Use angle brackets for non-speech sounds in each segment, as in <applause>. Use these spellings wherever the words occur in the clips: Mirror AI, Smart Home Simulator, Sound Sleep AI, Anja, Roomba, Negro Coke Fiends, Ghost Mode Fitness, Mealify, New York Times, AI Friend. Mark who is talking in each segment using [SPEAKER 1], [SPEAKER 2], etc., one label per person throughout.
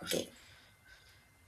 [SPEAKER 1] Okay.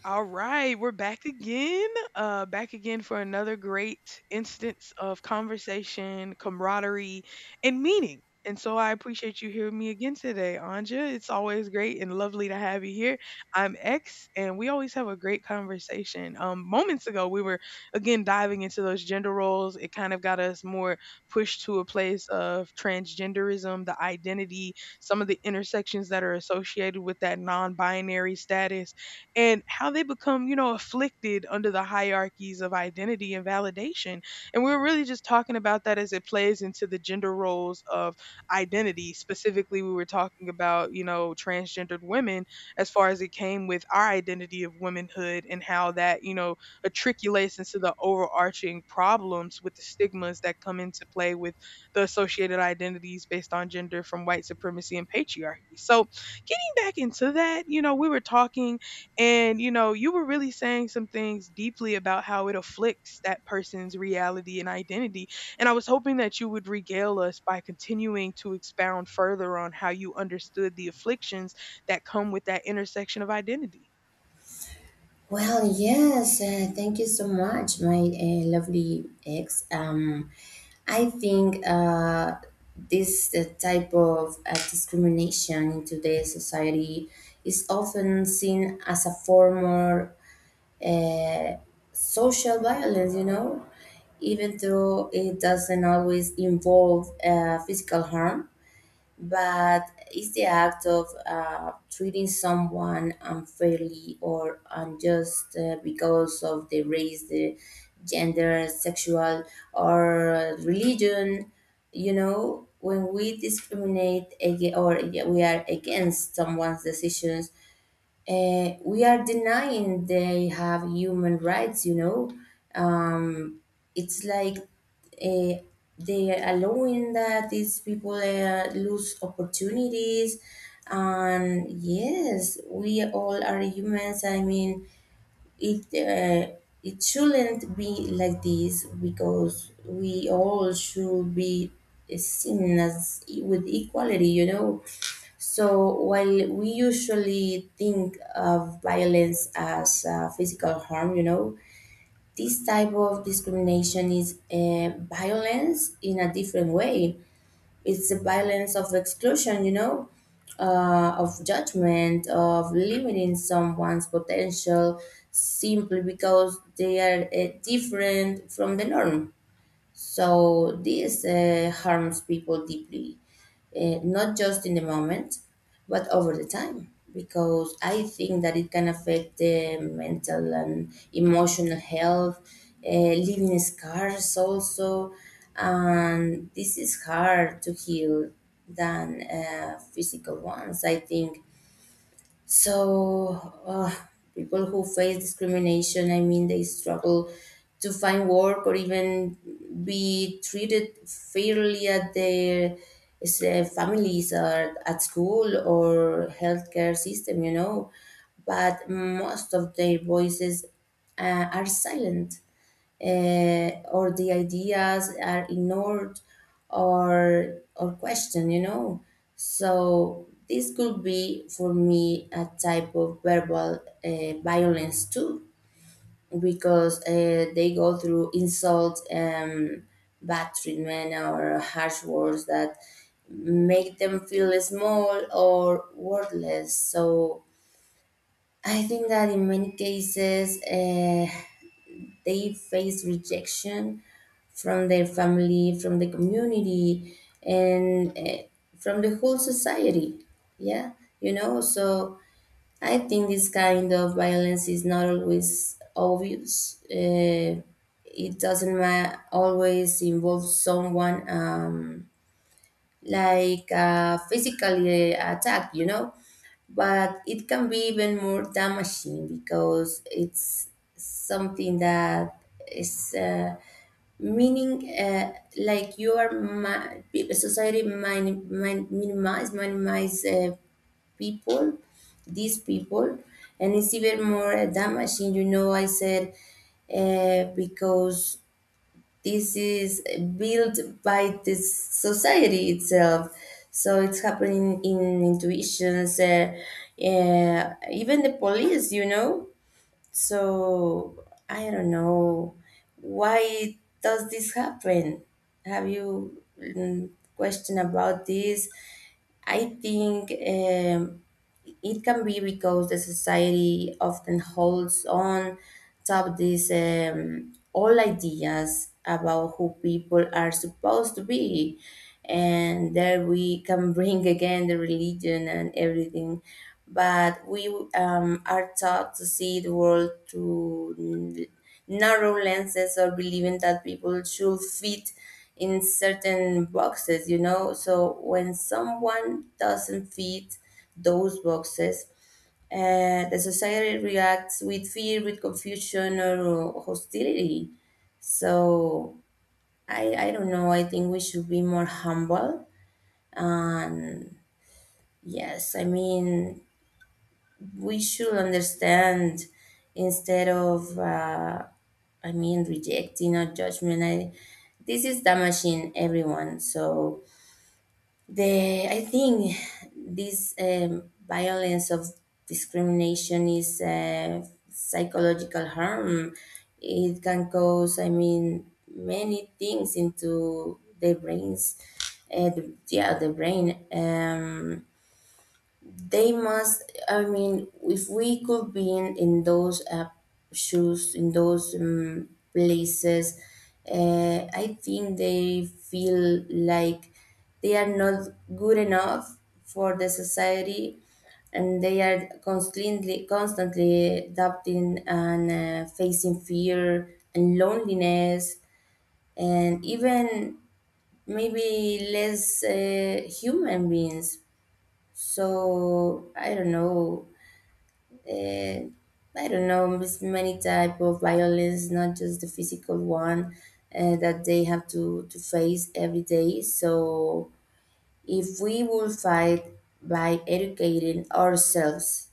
[SPEAKER 2] All right, we're back again. Back again for another great instance of conversation, camaraderie, and meaning. And so I appreciate you hearing me again today, Anja. It's always great and lovely to have you here. I'm X, and we always have a great conversation. Moments ago, we were again diving into those gender roles. It kind of got us more pushed to a place of transgenderism, the identity, some of the intersections that are associated with that non binary status and how they become afflicted under the hierarchies of identity and validation. And we were really just talking about that as it plays into the gender roles of identity. Specifically, we were talking about transgendered women as far as it came with our identity of womanhood and how that matriculates into the overarching problems with the stigmas that come into play with the associated identities based on gender from white supremacy and patriarchy. So, getting back into that we were talking and you were really saying some things deeply about how it afflicts that person's reality and identity. And I was hoping that you would regale us by continuing to expound further on how you understood the afflictions that come with that intersection of identity.
[SPEAKER 1] Well, yes, thank you so much, my lovely ex. I think this type of discrimination in today's society is often seen as a form of uh, social violence, you know, even though it doesn't always involve physical harm, but it's the act of treating someone unfairly or unjust because of the race, the gender, sexual, or religion. You know, when we discriminate against, or yeah, we are against someone's decisions, we are denying they have human rights, you know. Um, it's like they are allowing that these people lose opportunities. And yes, we all are humans. I mean, it uh, it shouldn't be like this, because we all should be seen as with equality, you know. So while we usually think of violence as physical harm, you know, this type of discrimination is violence in a different way. It's a balance of exclusion, you know, of judgment, of limiting someone's potential simply because they are different from the norm. So this harms people deeply, not just in the moment, but over the time, because I think that it can affect the mental and emotional health, uh, leaving scars also, and this is hard to heal than physical ones, I think. So, people who face discrimination, I mean, they struggle to find work or even be treated fairly at their families, or at school, or healthcare system, you know. But most of their voices are silent, or the ideas are ignored or questioned, you know. So this could be for me a type of verbal violence too, because they go through insults and bad treatment or harsh words that make them feel small or worthless. So I think that in many cases, they face rejection from their family, from the community, and from the whole society. Yeah, you know. So I think this kind of violence is not always obvious. It doesn't always involve someone like a physical attack, you know, but it can be even more damaging because it's something that is meaning, like you are society minimize people, these people, and it's even more damaging, you know, I said, because this is built by the society itself. So it's happening in intuitions, even the police, you know. So I don't know why does this happen. Have you mm, question about this? I think. It can be because the society often holds on to these old ideas about who people are supposed to be. And there we can bring again the religion and everything. But we are taught to see the world through narrow lenses, or believing that people should fit in certain boxes, you know. So when someone doesn't fit those boxes, the society reacts with fear, with confusion, or hostility. So I don't know. I think we should be more humble. And yes, I mean, we should understand instead of, I mean, rejecting or judgment. I, this is damaging everyone. So The I think this violence of discrimination is psychological harm. It can cause, I mean, many things into the brains. The brain. They must, I mean, if we could be in those shoes, in those places, I think they feel like they are not good enough for the society, and they are constantly doubting and facing fear and loneliness, and even maybe less human beings. So I don't know, uh, there's many type of violence, not just the physical one that they have to face every day. So if we will fight by educating ourselves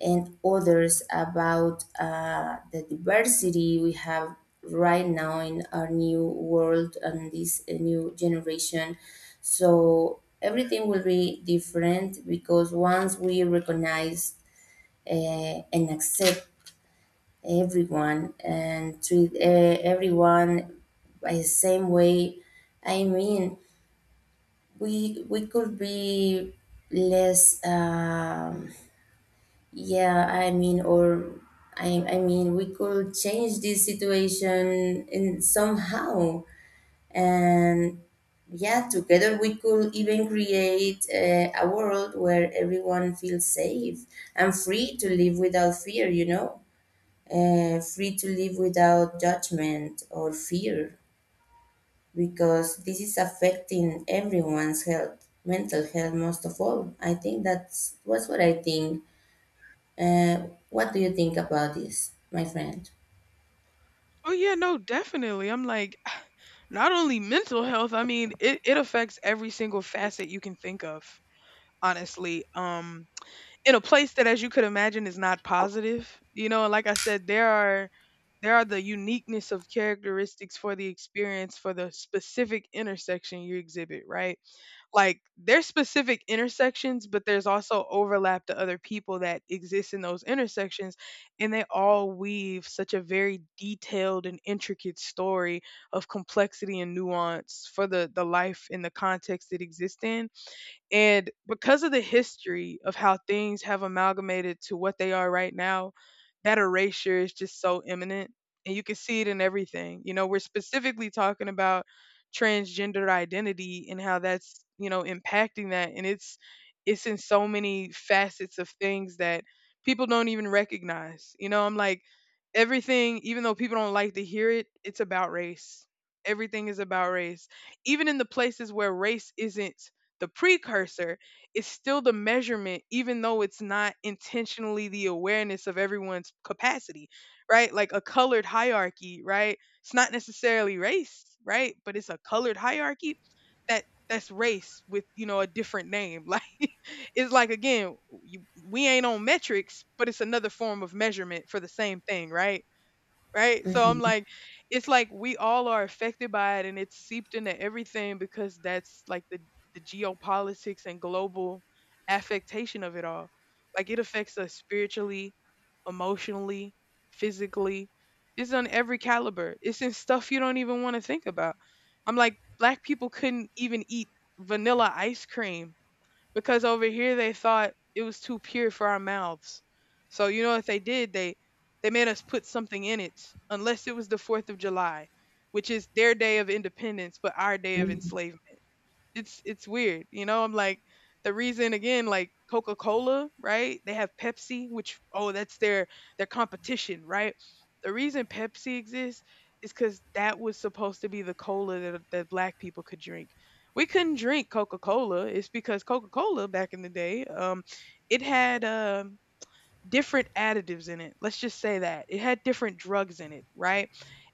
[SPEAKER 1] and others about the diversity we have right now in our new world and this new generation, so everything will be different, because once we recognize and accept everyone and treat everyone by the same way, I mean, we could be less. Yeah, I mean, or I mean, we could change this situation in somehow, and yeah, together we could even create a world where everyone feels safe and free to live without fear. You know, and free to live without judgment or fear, because this is affecting everyone's health, mental health most of all. I think that's what I think. What do you think about this, my friend?
[SPEAKER 2] Oh yeah, no, definitely. I'm like, <sighs> not only mental health, I mean it affects every single facet you can think of, honestly. In a place that, as you could imagine, is not positive. You know, like I said, there are the uniqueness of characteristics for the experience for the specific intersection you exhibit, right? Like there's specific intersections, but there's also overlap to other people that exist in those intersections, and they all weave such a very detailed and intricate story of complexity and nuance for the life and the context it exists in. And because of the history of how things have amalgamated to what they are right now, that erasure is just so imminent. And you can see it in everything. You know, we're specifically talking about transgender identity and how that's, you know, impacting that. And it's in so many facets of things that people don't even recognize. You know, I'm like, everything, even though people don't like to hear it, it's about race. Everything is about race. Even in the places where race isn't the precursor is still the measurement, even though it's not intentionally the awareness of everyone's capacity, right? Like a colored hierarchy, right? It's not necessarily race, right? But it's a colored hierarchy that that's race with, you know, a different name. <laughs> Like, it's like again, you, we ain't on metrics, but it's another form of measurement for the same thing, right? So I'm
[SPEAKER 1] Mm-hmm.
[SPEAKER 2] like, it's like we all are affected by it, and it's seeped into everything because that's like the geopolitics and global affectation of it all. Like it affects us spiritually, emotionally, physically. It's on every caliber. It's in stuff you don't even want to think about. I'm like, black people couldn't even eat vanilla ice cream because over here they thought it was too pure for our mouths. So you know what they did? They made us put something in it, unless it was the Fourth of July, which is their day of independence, but our day of
[SPEAKER 1] Hmm.
[SPEAKER 2] enslavement. It's weird, you know. I'm like, the reason again, like Coca Cola, right? They have Pepsi, which, oh, that's their competition, right? The reason Pepsi exists is because that was supposed to be the cola that black people could drink. We couldn't drink Coca Cola. It's because Coca Cola back in the day, it had different additives in it. Let's just say that. It had different drugs in it, right?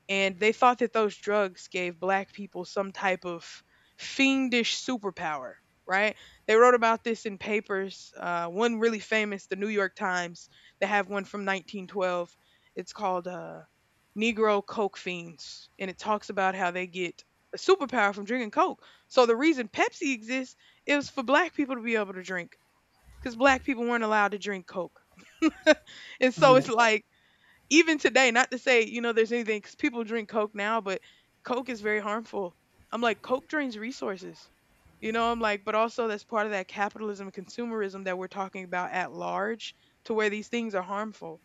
[SPEAKER 2] And they thought that those drugs gave black people some type of fiendish superpower, right? They wrote about this in papers. One really famous, the New York Times, they have one from 1912. It's called Negro Coke Fiends. And it talks about how they get a superpower from drinking Coke. So the reason Pepsi exists is for black people to be able to drink because black people weren't allowed to drink Coke. <laughs> And
[SPEAKER 1] Oh
[SPEAKER 2] so
[SPEAKER 1] my
[SPEAKER 2] it's
[SPEAKER 1] God.
[SPEAKER 2] like, even today, not to say, you know, there's anything because people drink Coke now, but Coke is very harmful. I'm like, Coke drains resources. You know, I'm like, but also that's part of that capitalism and consumerism that we're talking about at large, to where these things are harmful,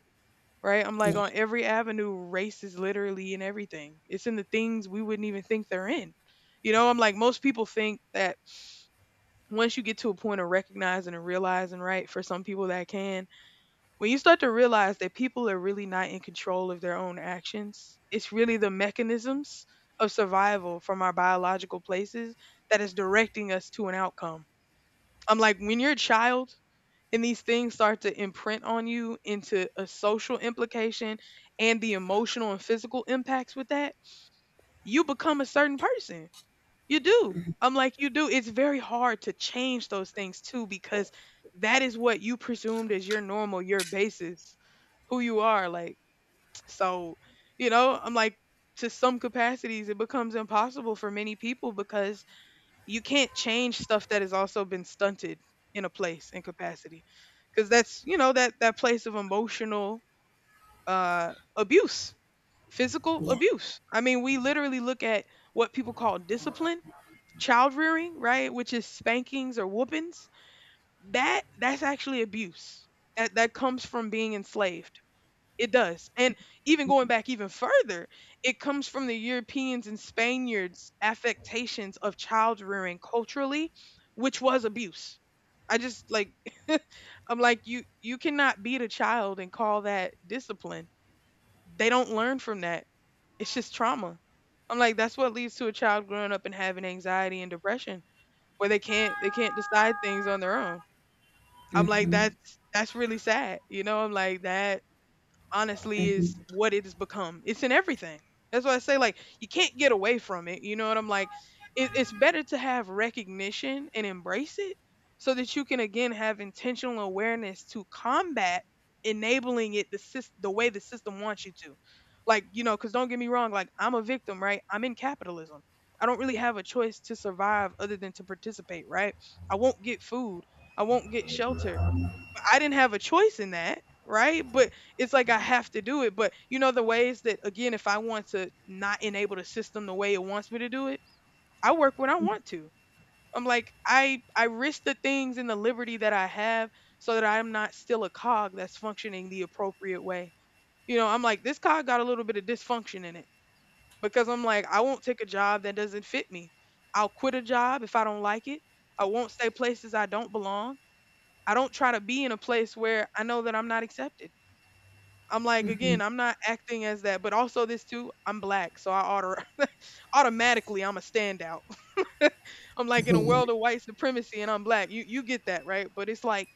[SPEAKER 2] right? I'm like,
[SPEAKER 1] Yeah.
[SPEAKER 2] on every avenue, race is literally in everything. It's in the things we wouldn't even think they're in. You know, I'm like, most people think that once you get to a point of recognizing and realizing, right, for some people that can, when you start to realize that people are really not in control of their own actions, it's really the mechanisms of survival from our biological places that is directing us to an outcome. I'm like, when you're a child and these things start to imprint on you into a social implication and the emotional and physical impacts with that, you become a certain person. You do. I'm like, you do. It's very hard to change those things too because that is what you presumed as your normal, your basis, who you are. Like, <tsk> so, you know, I'm like, to some capacities, it becomes impossible for many people because you can't change stuff that has also been stunted in a place and capacity. Because that's, you know, that, place of emotional abuse, physical
[SPEAKER 1] Yeah.
[SPEAKER 2] abuse. I mean, we literally look at what people call discipline child rearing, right, which is spankings or whoopings, that's actually abuse. That comes from being enslaved. It does. And even going back even further, it comes from the Europeans and Spaniards' affectations of child rearing culturally, which was abuse. I just like, <laughs> I'm like, you cannot beat a child and call that discipline. They don't learn from that. It's just trauma. I'm like, that's what leads to a child growing up and having anxiety and depression where they can't decide things on their own. I'm like,
[SPEAKER 1] Mm-hmm.
[SPEAKER 2] that's really sad. You know, I'm like, that honestly is
[SPEAKER 1] Mm-hmm.
[SPEAKER 2] what it has become. It's in everything. That's why I say, like, you can't get away from it. You know what I'm like? It's better to have recognition and embrace it so that you can again have intentional awareness to combat enabling it the the way the system wants you to. Like, you know, cuz don't get me wrong, like I'm a victim, right? I'm in capitalism. I don't really have a choice to survive other than to participate, right? I won't get food. I won't get shelter. I didn't have a choice in that, right? But it's like I have to do it. But you know the ways that again, if I want to not enable the system the way it wants me to do it, I work when I want to. I'm like, I risk the things and the liberty that I have so that I'm not still a cog that's functioning the appropriate way. You know, I'm like, this cog got a little bit of dysfunction in it because I'm like, I won't take a job that doesn't fit me. I'll quit a job if I don't like it. I won't stay places I don't belong. I don't try to be in a place where I know that I'm not accepted. I'm like, again, I'm not acting as that, but also this too, I'm black, so I <laughs> automatically I'm a standout. <laughs> I'm like,
[SPEAKER 1] <laughs>
[SPEAKER 2] in a
[SPEAKER 1] Yeah.
[SPEAKER 2] world of white supremacy and I'm black. You get that, right? But it's like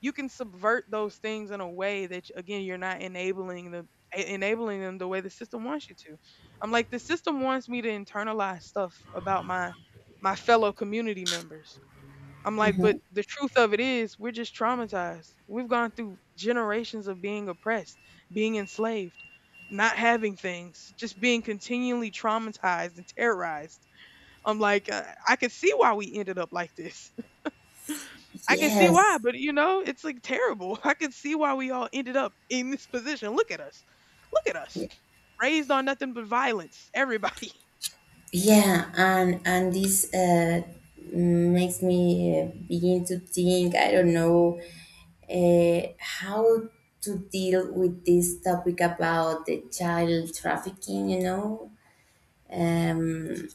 [SPEAKER 2] you can subvert those things in a way that again, you're not enabling the enabling them the way the system wants you to. I'm like, the system wants me to internalize stuff about my fellow community members. I'm like,
[SPEAKER 1] Mm-hmm.
[SPEAKER 2] but the truth of it is, we're just traumatized. We've gone through generations of being oppressed, being enslaved, not having things, just being continually traumatized and terrorized. I'm like, I can see why we ended up like this. <laughs> I can see why,
[SPEAKER 1] Yes.
[SPEAKER 2] but you know, it's like terrible. <laughs> I can see why we all ended up in this position. Look at us. Look at us. Raised on nothing but violence. Everybody. <laughs>
[SPEAKER 1] Yeah. And this makes me begin to think. I don't know how to deal with this topic about the child trafficking, you know. Um,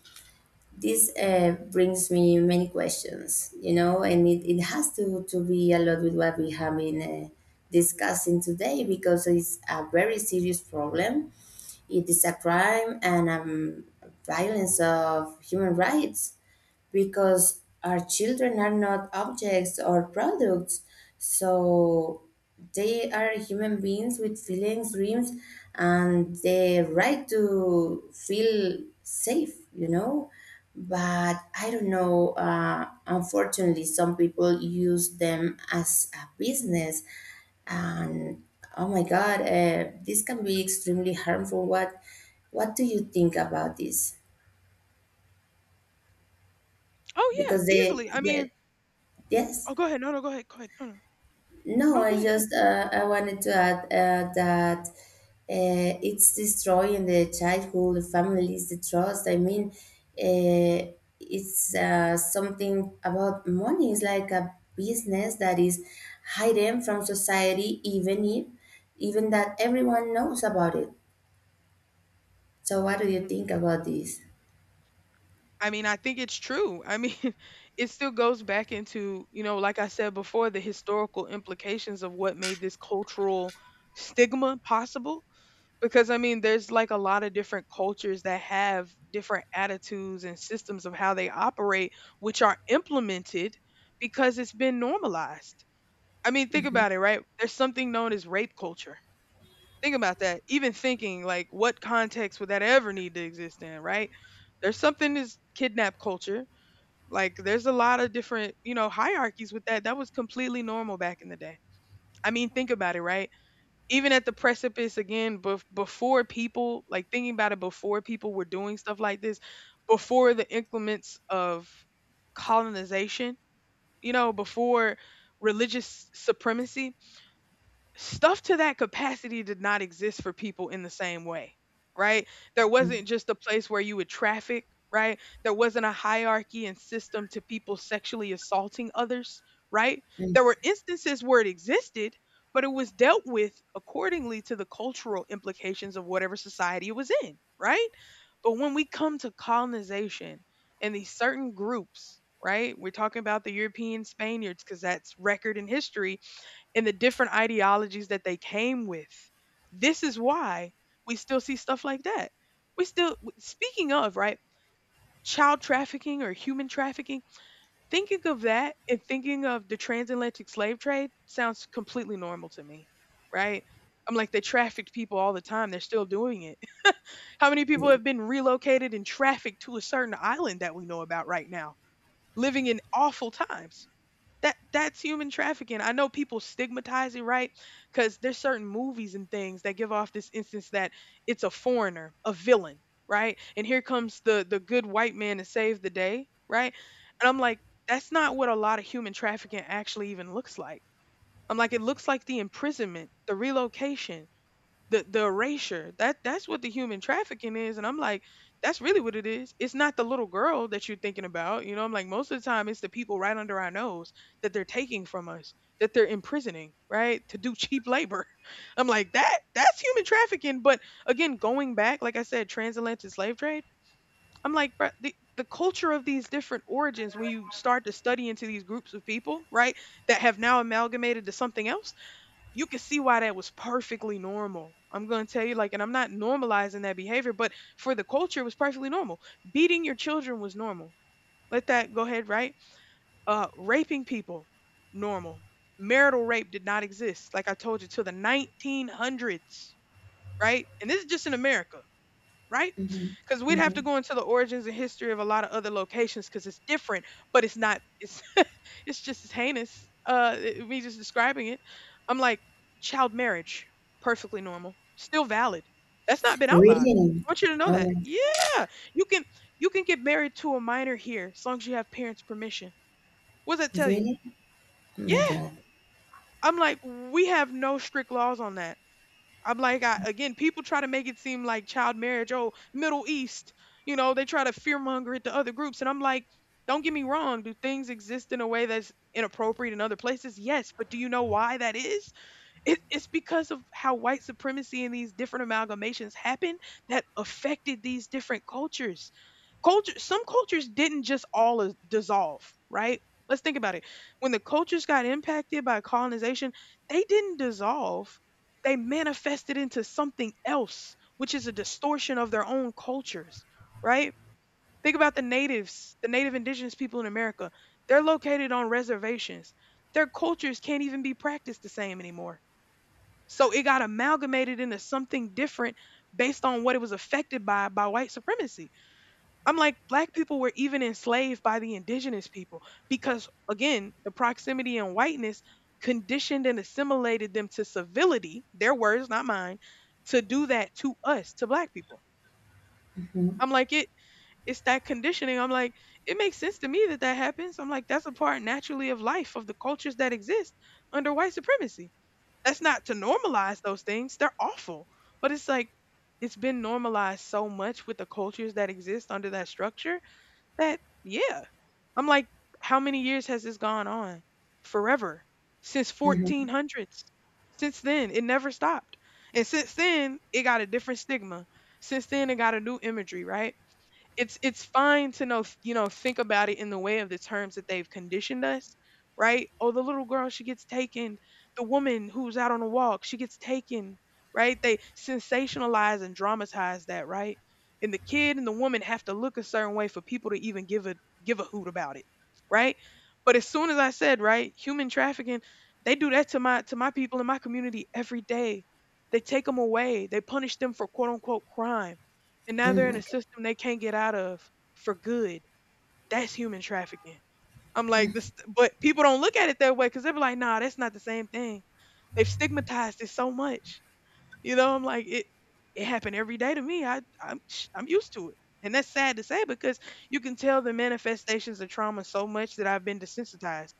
[SPEAKER 1] this brings me many questions, you know, and it has to be a lot with what we have been discussing today, because it's a very serious problem. It is a crime and violence of human rights, because our children are not objects or products. So they are human beings with feelings, dreams, and the right to feel safe, you know. But I don't know, unfortunately, some people use them as a business, and oh my god, this can be extremely harmful. What do you think about this,
[SPEAKER 2] Oh yeah,
[SPEAKER 1] because they,
[SPEAKER 2] easily. I
[SPEAKER 1] yeah,
[SPEAKER 2] mean,
[SPEAKER 1] yes.
[SPEAKER 2] oh, go ahead. No, no, go ahead. Go ahead. No, no.
[SPEAKER 1] No,
[SPEAKER 2] No, go
[SPEAKER 1] I
[SPEAKER 2] ahead.
[SPEAKER 1] just I wanted to add that it's destroying the childhood, the families, the trust. I mean, uh, it's something about money. It's like a business that is hidden from society, even if even that everyone knows about it. So, what do you
[SPEAKER 2] Mhm.
[SPEAKER 1] think about this?
[SPEAKER 2] I mean, I think it's true. I mean, <laughs> it still goes back into, you know, like I said before, the historical implications of what made this cultural stigma possible. Because I mean, there's like a lot of different cultures that have different attitudes and systems of how they operate, which are implemented because it's been normalized. I mean, think
[SPEAKER 1] Mm,
[SPEAKER 2] about it, right? There's something known as rape culture. Think about that. Even thinking like what context would that ever need to exist in, right? There's something is kidnap culture. Like there's a lot of different, you know, hierarchies with that. That was completely normal back in the day. I mean, think about it, right? Even at the precipice again before people like thinking about it, before people were doing stuff like this, before the increments of colonization, you know, before religious supremacy, stuff to that capacity did not exist for people in the same way, right? There wasn't just a place where you would traffic, right? There wasn't a hierarchy and system to people sexually assaulting others, right? There were instances where it existed, but it was dealt with accordingly to the cultural implications of whatever society it was in, right? But when we come to colonization and these certain groups, right? We're talking about the European Spaniards because that's record in history and the different ideologies that they came with. This is why we still see stuff like that. We still, speaking of, right, child trafficking or human trafficking, thinking of that and thinking of the transatlantic slave trade sounds completely normal to me, right? I'm like, they trafficked people all the time. They're still doing it. <laughs> How many people
[SPEAKER 1] yeah.
[SPEAKER 2] have been relocated and trafficked to a certain island that we know about right now, living in awful times? That's human trafficking. I know people stigmatize it, right? Because there's certain movies and things that give off this instance that it's a foreigner, a villain, right? And here comes the good white man to save the day, right? And I'm like, that's not what a lot of human trafficking actually even looks like. I'm like, it looks like the imprisonment, the relocation, the erasure, that's what the human trafficking is. And I'm like, that's really what it is. It's not the little girl that you're thinking about, you know. I'm like, most of the time it's the people right under our nose that they're taking from us, that they're imprisoning, right, to do cheap labor. <laughs> I'm like, that's human trafficking. But again, going back, like I said, transatlantic slave trade, I'm like, bruh, the culture of these different origins, when you start to study into these groups of people, right, that have now amalgamated to something else, you can see why that was perfectly normal. I'm going to tell you, like, and I'm not normalizing that behavior, but for the culture, it was perfectly normal. Beating your children was normal. Let that go ahead, right? Raping people, normal. Marital rape did not exist, like I told you, till the 1900s, right? And this is just in America, right?
[SPEAKER 1] Mhm,
[SPEAKER 2] Because we'd have to
[SPEAKER 1] mhm.
[SPEAKER 2] go into the origins and history of a lot of other locations because it's different, but it's not. It's <laughs> it's just as heinous. Me just describing it, I'm like, child marriage, perfectly normal, still valid. That's not been outlawed.
[SPEAKER 1] Really?
[SPEAKER 2] I want you to know
[SPEAKER 1] Oh
[SPEAKER 2] that.
[SPEAKER 1] my,
[SPEAKER 2] Yeah, you can get married to a minor here as long as you have parents' permission. What does that tell you?
[SPEAKER 1] really? Oh my
[SPEAKER 2] Yeah,
[SPEAKER 1] God.
[SPEAKER 2] I'm like, we have no strict laws on that. I'm like, I, again, people try to make it seem like child marriage, oh, Middle East, you know, they try to fearmonger it to other groups. And I'm like, don't get me wrong. Do things exist in a way that's inappropriate in other places? Yes. But do you know why that is? It's because of how white supremacy and these different amalgamations happened that affected these different cultures culture some cultures didn't just all dissolve, right? Let's think about it. When the cultures got impacted by colonization, they didn't dissolve. They manifested into something else, which is a distortion of their own cultures, right? Think about the natives, the native indigenous people in America. They're located on reservations. Their cultures can't even be practiced the same anymore, so it got amalgamated into something different based on what it was affected by white supremacy. I'm like, black people were even enslaved by the indigenous people because again, the proximity and whiteness conditioned and assimilated them to civility, their words not mine, to do that to us, to black people.
[SPEAKER 1] Hmm.
[SPEAKER 2] I'm like, it it's that conditioning. I'm like, it makes sense to me that that happens. I'm like, that's a part naturally of life, of the cultures that exist under white supremacy. That's not to normalize those things. They're awful. But it's like, it's been normalized so much with the cultures that exist under that structure that yeah. I'm like, how many years has this gone on? Forever. Since
[SPEAKER 1] Hmm.
[SPEAKER 2] 1400s. Since then, it never stopped. And since then, it got a different stigma. Since then, it got a new imagery, right? It's fine to know, you know, think about it in the way of the terms that they've conditioned us, right? Oh, the little girl, she gets taken. The woman who's out on a walk, she gets taken, right? They sensationalize and dramatize that, right? And the kid and the woman have to look a certain way for people to even give a hoot about it, right? But as soon as I said, right, human trafficking, they do that to my people in my community every day. They take them away, they punish them for quote unquote crime, and
[SPEAKER 1] Oh
[SPEAKER 2] now they're in a
[SPEAKER 1] my.
[SPEAKER 2] system they can't get out of for good. That's human trafficking. I'm like this, but people don't look at it that way because they're like, nah, that's not the same thing. They've stigmatized it so much. You know, I'm like it. It happened every day to me. I'm used to it, and that's sad to say because you can tell the manifestations of trauma so much that I've been desensitized.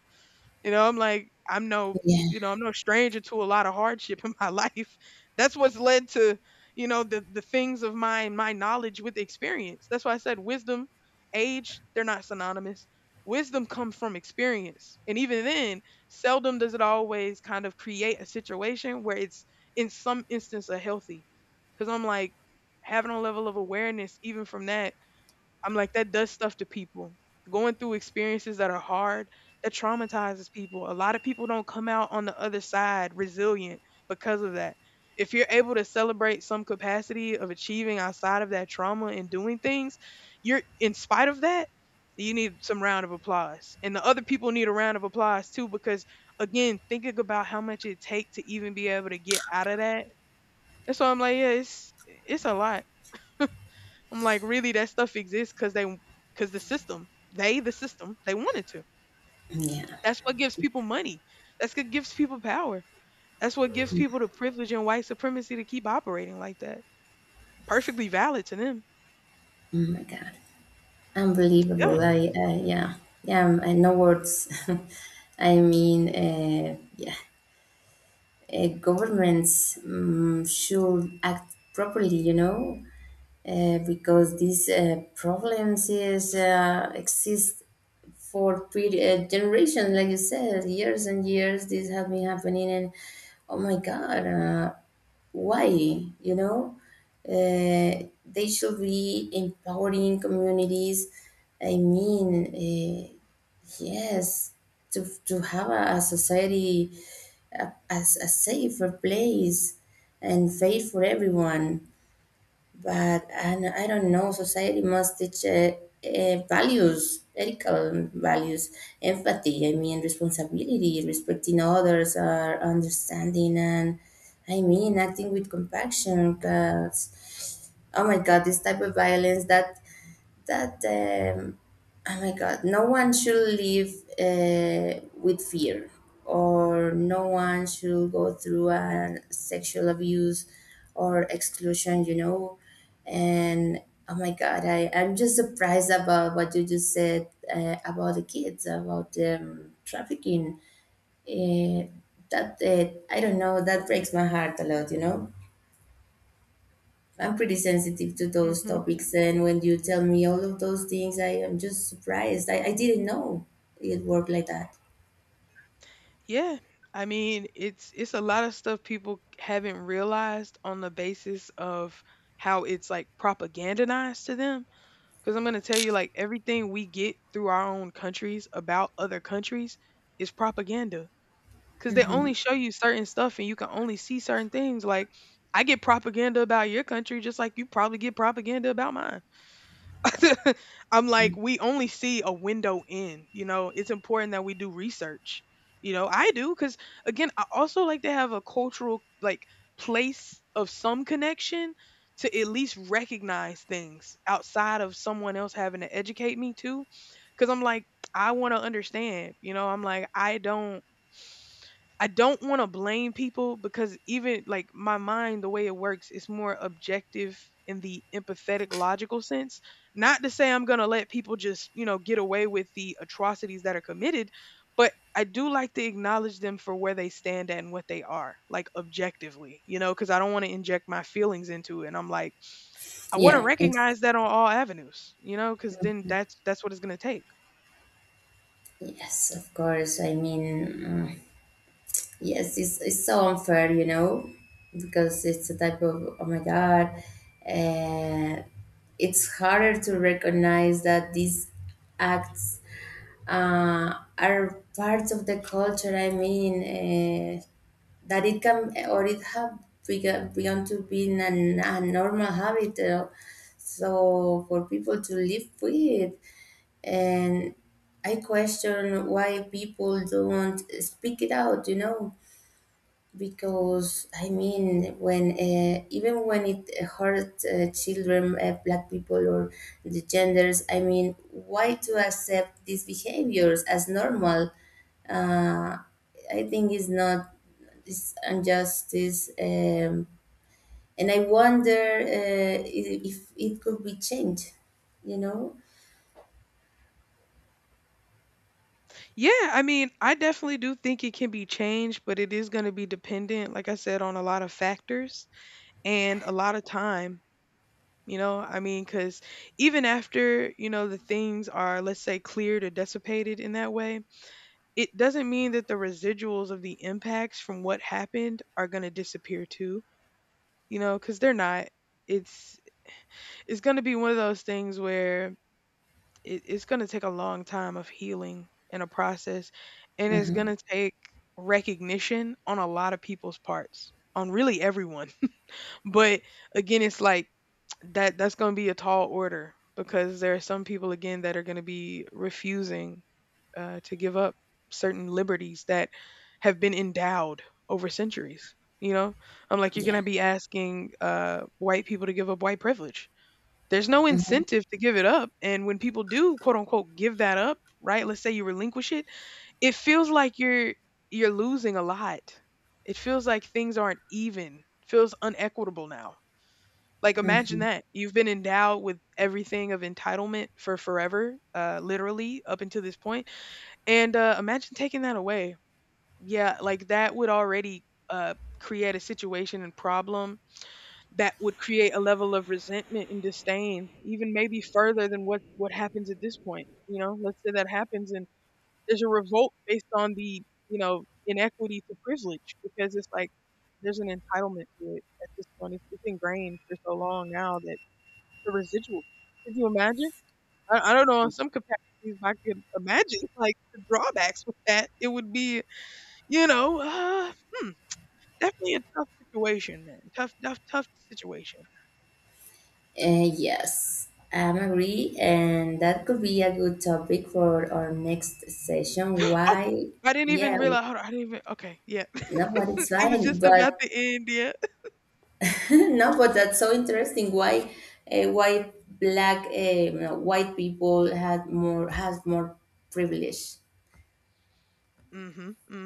[SPEAKER 2] You know, I'm like, I'm no,
[SPEAKER 1] Yeah,
[SPEAKER 2] you know, I'm no stranger to a lot of hardship in my <laughs> life. That's what's led to, you know, the things of my knowledge with experience. That's why I said wisdom, age, they're not synonymous. Wisdom comes from experience. And even then, seldom does it always kind of create a situation where it's in some instance a healthy. Cause I'm like, having a level of awareness even from that, I'm like, that does stuff to people. Going through experiences that are hard, that traumatizes people. A lot of people don't come out on the other side resilient because of that. If you're able to celebrate some capacity of achieving outside of that trauma and doing things, you're in spite of that, you need some round of applause. And the other people need a round of applause too, because again, thinking about how much it take to even be able to get out of that. That's why I'm like, yeah, it's a lot. I'm like, really, that stuff exists because they, because the system, they wanted to.
[SPEAKER 1] yeah.
[SPEAKER 2] That's what gives people money. That's what gives people power. That's what gives people the privilege and white supremacy to keep operating like that. Perfectly valid to them.
[SPEAKER 1] Oh my God,
[SPEAKER 2] Yeah.
[SPEAKER 1] unbelievable! I, yeah, yeah. I, no words. <laughs> I mean, yeah. Governments should act properly, you know, because these problems is, exist for generations, like you said, years and years. This have been happening, and oh my god, why? You know, they should be empowering communities. I mean, yes, to have a society, as a safer place and fair for everyone. But I don't know, society must teach values, ethical values, empathy, I mean, responsibility, respecting others, understanding, and I mean, acting with compassion. Because, oh my God, this type of violence that that oh my god, no one should live with fear, or no one should go through a sexual abuse or exclusion, you know. And oh my god, I, I'm just surprised about what you just said about the kids, about trafficking, uh, that I don't know, that breaks my heart a lot, you know. I'm pretty sensitive to those
[SPEAKER 2] Hmm.
[SPEAKER 1] topics, and when you tell me all of those things, I am just surprised. I didn't know it worked like that.
[SPEAKER 2] Yeah. I mean, it's a lot of stuff people haven't realized on the basis of how it's like propagandized to them. Because I'm gonna tell you, like, everything we get through our own countries about other countries is propaganda. 'Cause they only show you certain stuff and you can only see certain things, like, I get propaganda about your country just like you probably get propaganda about mine. <laughs> I'm like, we only see a window in, you know? It's important that we do research, you know? I do, cause again, I also like to have a cultural, like, place of some connection to at least recognize things outside of someone else having to educate me too. Because 'cause I'm like, I wanna understand, you know? I'm like, I don't want to blame people because even like my mind, the way it works, is more objective in the empathetic, logical sense. Not to say I'm going to let people just, you know, get away with the atrocities that are committed, but I do like to acknowledge them for where they stand at and what they are, like objectively, you know, because I don't want to inject my feelings into it. And I'm like, I want to
[SPEAKER 1] Yeah, exactly.
[SPEAKER 2] recognize that on all avenues, you know, because then that's what it's going to take.
[SPEAKER 1] Yes, of course. I mean, mm, yes, it's so unfair, you know, because it's a type of, oh my God, uh, it's harder to recognize that these acts are parts of the culture. I mean, uh, that it can, or it have begun to be a normal habit, so for people to live with. And I question why people don't speak it out, you know. Because I mean, when even when it hurts children, black people, or the genders, I mean, why to accept these behaviors as normal? Uh, I think it's not this injustice, and I wonder if it could be changed. You know?
[SPEAKER 2] Yeah, I mean, I definitely do think it can be changed, but it is going to be dependent, like I said, on a lot of factors and a lot of time. You know, I mean, because even after, you know, the things are, let's say, cleared or dissipated in that way, it doesn't mean that the residuals of the impacts from what happened are going to disappear too, you know, because they're not. It's going to be one of those things where it's going to take a long time of healing and a process, and it's going
[SPEAKER 1] Hmm.
[SPEAKER 2] to take recognition on a lot of people's parts, on really everyone, <laughs> but again, it's like that's going to be a tall order because there are some people again that are going to be refusing to give up certain liberties that have been endowed over centuries, you know. I'm like, you're going
[SPEAKER 1] Yeah.
[SPEAKER 2] to be asking white people to give up white privilege. There's no incentive to give it up, and when people do, quote unquote, give that up, right? Let's say you relinquish it, it feels like you're losing a lot. It feels like things aren't even. Feels unequitable now. Like imagine
[SPEAKER 1] Hmm.
[SPEAKER 2] that. You've been endowed with everything of entitlement for forever, literally up until this point, and imagine taking that away. Yeah, like that would already create a situation and problem that would create a level of resentment and disdain, even maybe further than what happens at this point. You know, let's say that happens, and there's a revolt based on the, you know, inequity to privilege, because it's like there's an entitlement to it at this point. It's ingrained for so long now that the residual. Could you imagine? I don't know. In some capacities, I could imagine <laughs> like the drawbacks with that. It would be, you know, definitely a tough situation, man. Tough situation.
[SPEAKER 1] Yes, I agree, and that could be a good topic for our next session.
[SPEAKER 2] <gasps> Oh,
[SPEAKER 1] Why?
[SPEAKER 2] I didn't even
[SPEAKER 1] Yeah,
[SPEAKER 2] realize. Hold on, I didn't even. Okay, yeah.
[SPEAKER 1] no, but it's
[SPEAKER 2] <laughs> It was
[SPEAKER 1] fine.
[SPEAKER 2] just about
[SPEAKER 1] But
[SPEAKER 2] the end. Yeah.
[SPEAKER 1] <laughs> no, but that's so interesting. Why? Why black? No, white people had more has more privilege.
[SPEAKER 2] Mhm.